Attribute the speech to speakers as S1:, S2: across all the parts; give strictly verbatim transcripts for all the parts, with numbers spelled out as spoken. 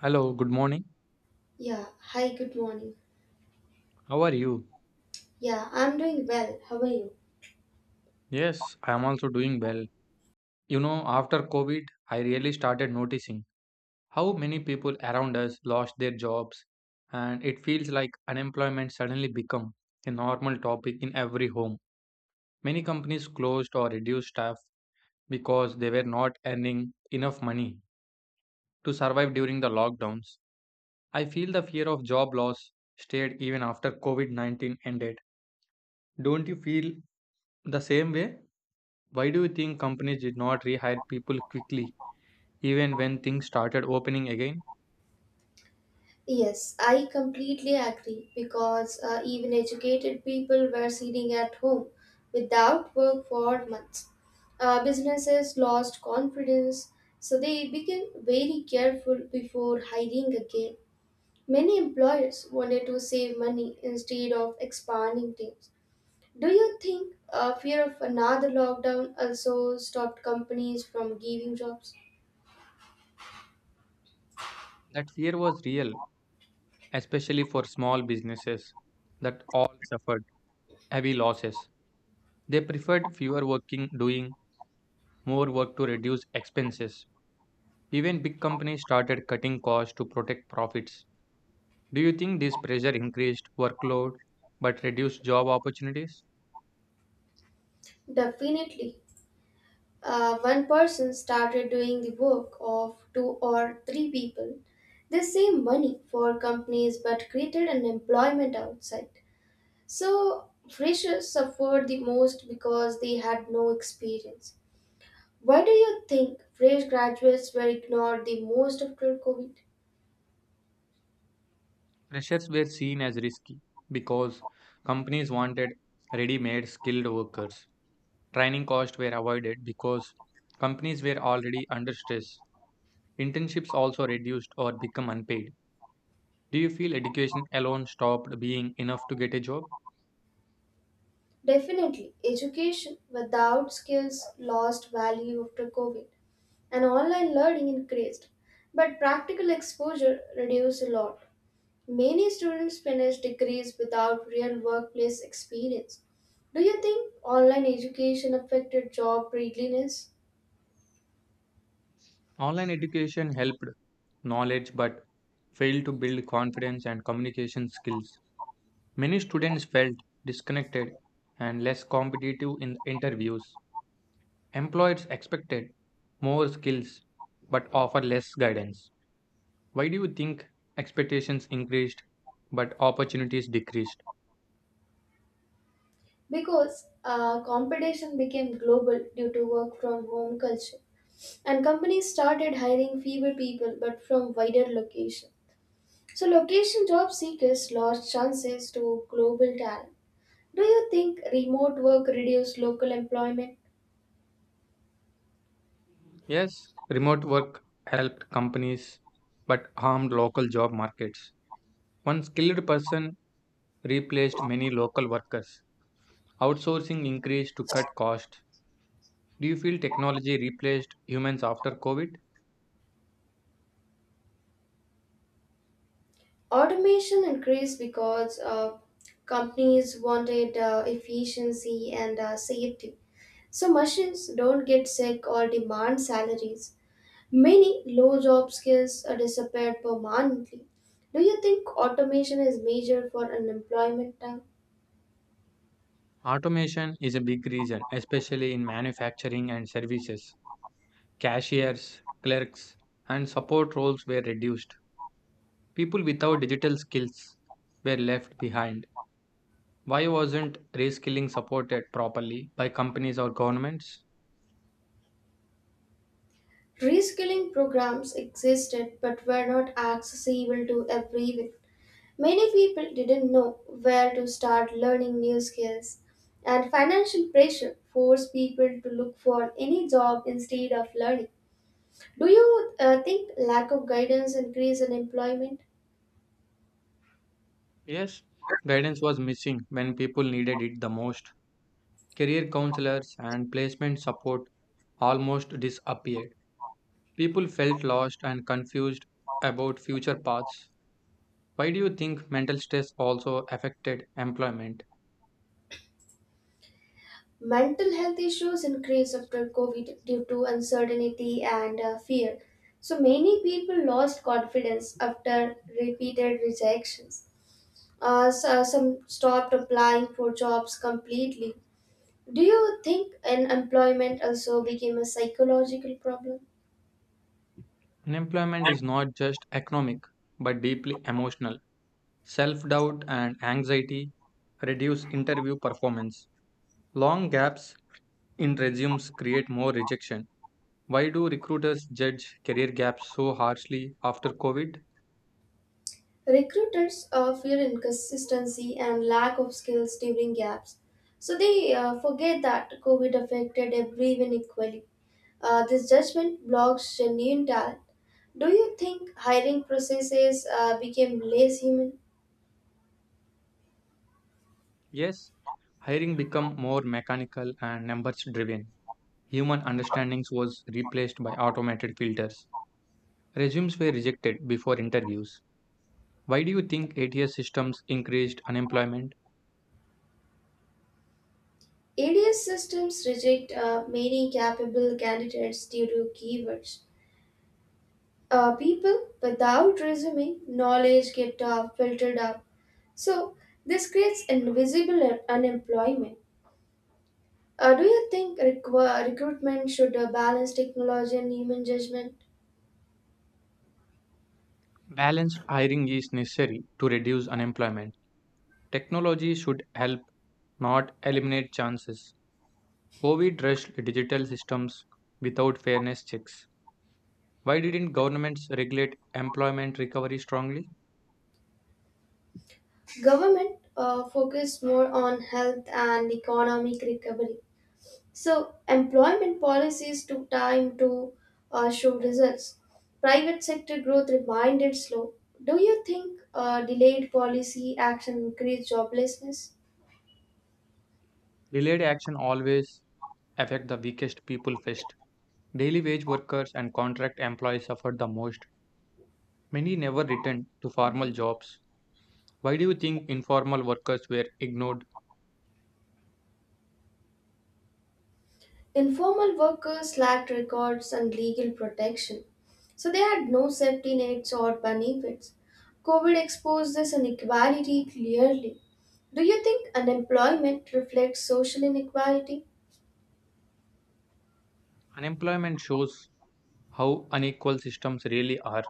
S1: Hello, good morning.
S2: Yeah, hi, good morning.
S1: How are you?
S2: Yeah, I'm doing well. How are you?
S1: Yes, I am also doing well. You know, after COVID, I really started noticing how many people around us lost their jobs, and it feels like unemployment suddenly become a normal topic in every home. Many companies closed or reduced staff because they were not earning enough money to survive during the lockdowns. I feel the fear of job loss stayed even after COVID nineteen ended. Don't you feel the same way? Why do you think companies did not rehire people quickly, even when things started opening again?
S2: Yes, I completely agree because uh, even educated people were sitting at home without work for months. Uh, businesses lost confidence, so they became very careful before hiring again. Many employers wanted to save money instead of expanding teams. Do you think uh, fear of another lockdown also stopped companies from giving jobs?
S1: That fear was real, especially for small businesses that all suffered heavy losses. They preferred fewer working, doing more work to reduce expenses. Even big companies started cutting costs to protect profits. Do you think this pressure increased workload but reduced job opportunities?
S2: Definitely. Uh, one person started doing the work of two or three people. They saved money for companies but created unemployment outside. So, freshers suffered the most because they had no experience. Why do you think fresh graduates were ignored the most after COVID?
S1: Freshers were seen as risky because companies wanted ready made skilled workers. Training costs were avoided because companies were already under stress. Internships also reduced or become unpaid. Do you feel education alone stopped being enough to get a job?
S2: Definitely, education without skills lost value after COVID and online learning increased, but practical exposure reduced a lot. Many students finish degrees without real workplace experience. Do you think online education affected job readiness?
S1: Online education helped knowledge but failed to build confidence and communication skills. Many students felt disconnected and less competitive in interviews. Employers expected more skills but offer less guidance. Why do you think expectations increased but opportunities decreased?
S2: Because uh, competition became global due to work from home culture, and companies started hiring fewer people but from wider location. So, location job seekers lost chances to global talent. Do you think remote work reduced local employment?
S1: Yes, remote work helped companies but harmed local job markets. One skilled person replaced many local workers. Outsourcing increased to cut costs. Do you feel technology replaced humans after COVID?
S2: Automation increased because uh, companies wanted uh, efficiency and uh, safety. So machines don't get sick or demand salaries. Many low job skills are disappeared permanently. Do you think automation is major for unemployment now?
S1: Automation is a big reason, especially in manufacturing and services. Cashiers, clerks, and support roles were reduced. People without digital skills were left behind. Why wasn't reskilling supported properly by companies or governments?
S2: Reskilling programs existed but were not accessible to everyone. Many people didn't know where to start learning new skills, and financial pressure forced people to look for any job instead of learning. Do you uh, think lack of guidance increase in employment?
S1: Yes, guidance was missing when people needed it the most. Career counselors and placement support almost disappeared. People felt lost and confused about future paths. Why do you think mental stress also affected employment?
S2: Mental health issues increased after COVID due to uncertainty and uh, fear. So many people lost confidence after repeated rejections. Uh, so- some stopped applying for jobs completely. Do you think unemployment also became a psychological problem?
S1: Unemployment is not just economic but deeply emotional. Self doubt and anxiety reduce interview performance. Long gaps in resumes create more rejection. Why do recruiters judge career gaps so harshly after COVID?
S2: Recruiters uh, fear inconsistency and lack of skills during gaps, so they uh, forget that COVID affected everyone equally. Uh, this judgment blocks genuine talent. Do you think hiring processes uh, became less human?
S1: Yes, hiring became more mechanical and numbers driven. Human understandings was replaced by automated filters. Resumes were rejected before interviews. Why do you think A T S systems increased unemployment?
S2: A D S systems reject uh, many capable candidates due to keywords. Uh, people without resume knowledge get uh, filtered out. So, this creates invisible un- unemployment. Uh, do you think requ- recruitment should uh, balance technology and human judgment?
S1: Balanced hiring is necessary to reduce unemployment. Technology should help, not eliminate chances. COVID rushed digital systems without fairness checks. Why didn't governments regulate employment recovery strongly?
S2: Government uh, focus more on health and economic recovery. So, employment policies took time to uh, show results. Private sector growth remained slow. Do you think uh, delayed policy action increased joblessness?
S1: Delayed action always affect the weakest people first. Daily wage workers and contract employees suffered the most. Many never returned to formal jobs. Why do you think informal workers were ignored?
S2: Informal workers lacked records and legal protection, so they had no safety nets or benefits. COVID exposed this inequality clearly. Do you think unemployment reflects social inequality?
S1: Unemployment shows how unequal systems really are.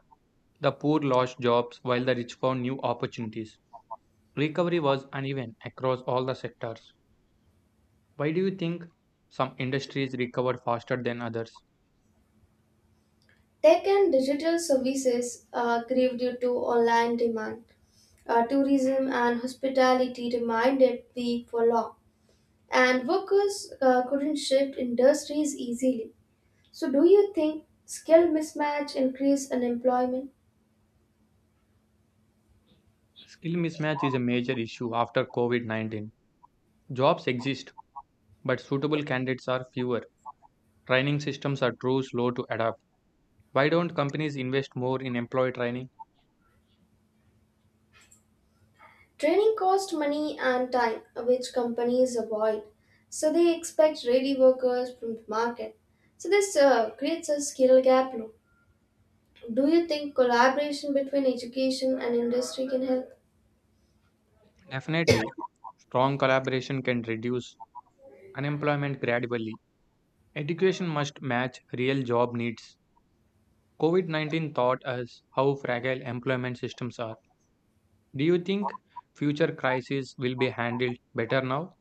S1: The poor lost jobs while the rich found new opportunities. Recovery was uneven across all the sectors. Why do you think some industries recovered faster than others?
S2: Tech and digital services uh, grew due to online demand. Uh, tourism and hospitality remained weak for long, and workers uh, couldn't shift industries easily. So, do you think skill mismatch increase unemployment?
S1: Skill mismatch is a major issue after COVID nineteen. Jobs exist, but suitable candidates are fewer. Training systems are too slow to adapt. Why don't companies invest more in employee training?
S2: Training costs money and time, which companies avoid. So, they expect ready workers from the market. So, this uh, creates a skill gap, no? Do you think collaboration between education and industry can help?
S1: Definitely, strong collaboration can reduce unemployment gradually. Education must match real job needs. COVID nineteen taught us how fragile employment systems are. Do you think future crises will be handled better now?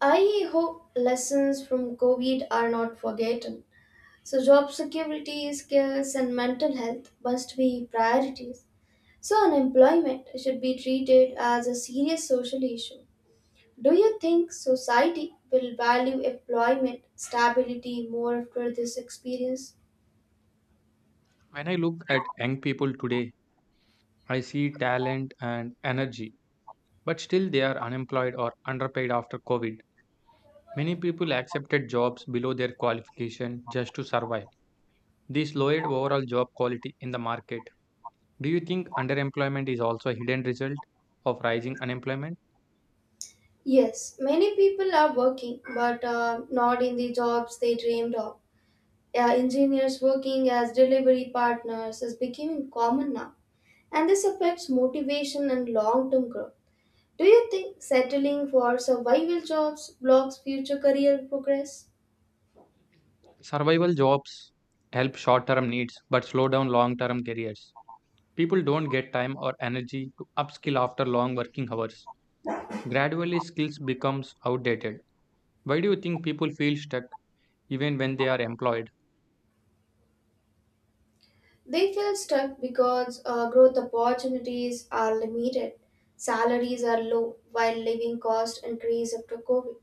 S2: I hope lessons from COVID are not forgotten. So, job security, skills, and mental health must be priorities. So, unemployment should be treated as a serious social issue. Do you think society will value employment stability more after this experience?
S1: When I look at young people today, I see talent and energy, but still they are unemployed or underpaid after COVID. Many people accepted jobs below their qualification just to survive. This lowered overall job quality in the market. Do you think underemployment is also a hidden result of rising unemployment?
S2: Yes, many people are working, but uh, not in the jobs they dreamed of. Yeah, engineers working as delivery partners is becoming common now, and this affects motivation and long term growth. Do you think settling for survival jobs blocks future career progress?
S1: Survival jobs help short term needs but slow down long term careers. People don't get time or energy to upskill after long working hours. Gradually skills becomes outdated. Why do you think people feel stuck even when they are employed?
S2: They feel stuck because uh, growth opportunities are limited, salaries are low, while living costs increase after COVID.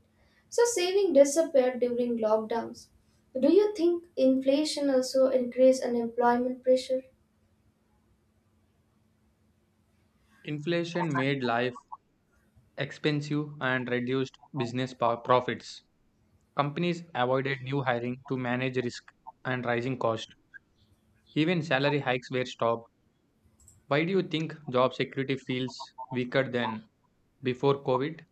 S2: So saving disappeared during lockdowns. Do you think inflation also increased unemployment pressure?
S1: Inflation made life expensive and reduced business po- profits. Companies avoided new hiring to manage risk and rising cost. Even salary hikes were stopped. Why do you think job security feels weaker than before COVID?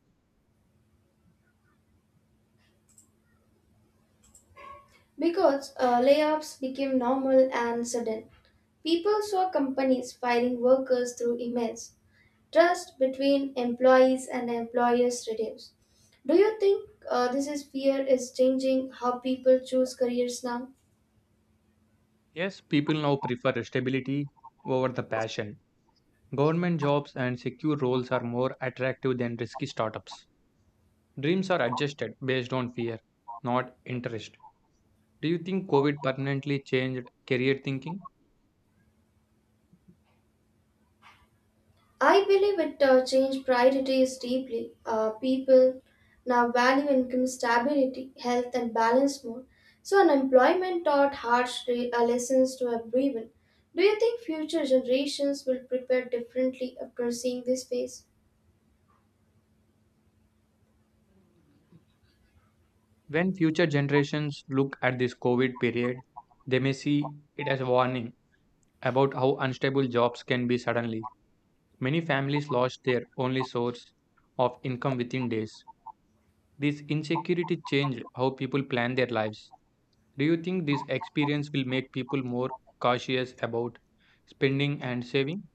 S2: Because uh, layoffs became normal and sudden. People saw companies firing workers through emails. Trust between employees and employers reduce. Do you think uh, this is fear is changing how people choose careers now?
S1: Yes, people now prefer stability over the passion. Government jobs and secure roles are more attractive than risky startups. Dreams are adjusted based on fear, not interest. Do you think COVID permanently changed career thinking?
S2: I believe it uh, changed priorities deeply. Uh, people now value income stability, health, and balance more. So unemployment taught harsh re- uh, lessons to everyone. Do you think future generations will prepare differently after seeing this phase?
S1: When future generations look at this COVID period, they may see it as a warning about how unstable jobs can be suddenly. Many families lost their only source of income within days. This insecurity changed how people plan their lives. Do you think this experience will make people more cautious about spending and saving?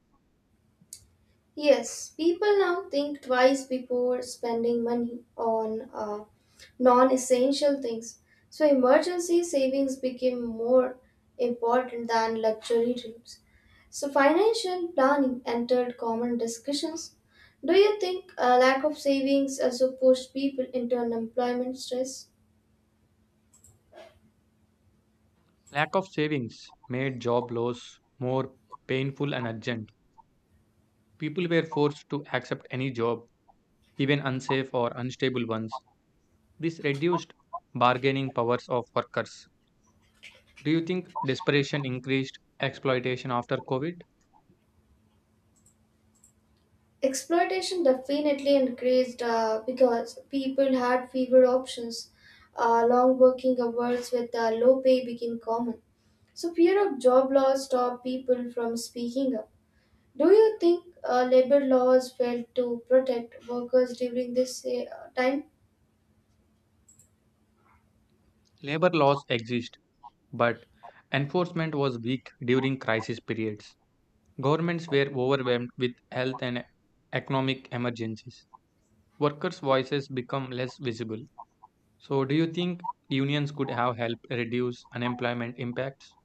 S2: Yes, people now think twice before spending money on uh, non essential things. So, emergency savings became more important than luxury dreams. So, financial planning entered common discussions. Do you think a lack of savings also pushed people into unemployment stress?
S1: Lack of savings made job loss more painful and urgent. People were forced to accept any job, even unsafe or unstable ones. This reduced bargaining powers of workers. Do you think desperation increased exploitation after COVID?
S2: Exploitation definitely increased uh, because people had fewer options. Uh, long working hours with uh, low pay became common. So, fear of job loss stop people from speaking up. Do you think uh, labor laws failed to protect workers during this uh, time?
S1: Labor laws exist, but enforcement was weak during crisis periods. Governments were overwhelmed with health and economic emergencies. Workers' voices become less visible. So, do you think unions could have helped reduce unemployment impacts?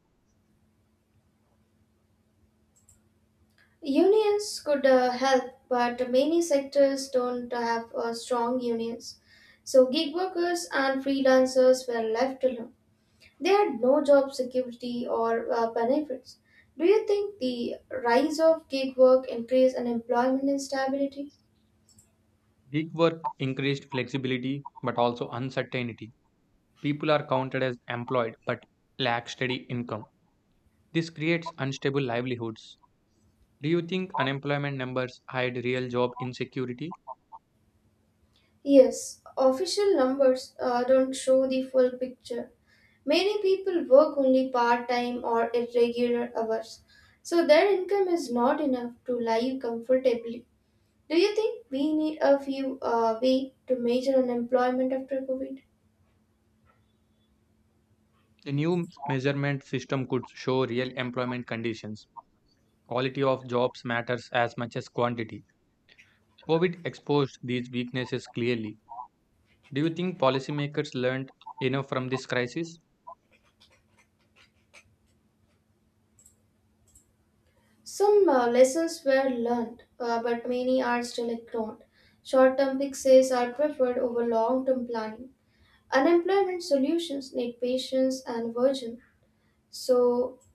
S2: Unions could uh, help, but many sectors don't have uh, strong unions. So, gig workers and freelancers were left alone. They had no job security or uh, benefits. Do you think the rise of gig work increased unemployment instability?
S1: Gig work increased flexibility but also uncertainty. People are counted as employed but lack steady income. This creates unstable livelihoods. Do you think unemployment numbers hide real job insecurity?
S2: Yes, official numbers uh, don't show the full picture. Many people work only part time or irregular hours, so their income is not enough to live comfortably. Do you think we need a few uh, way to measure unemployment after COVID?
S1: The new measurement system could show real employment conditions. Quality of jobs matters as much as quantity. COVID exposed these weaknesses clearly. Do you think policymakers learned enough from this crisis?
S2: Some uh, lessons were learned, uh, but many are still ignored. Short term fixes are preferred over long term planning. Unemployment solutions need patience and vision. So,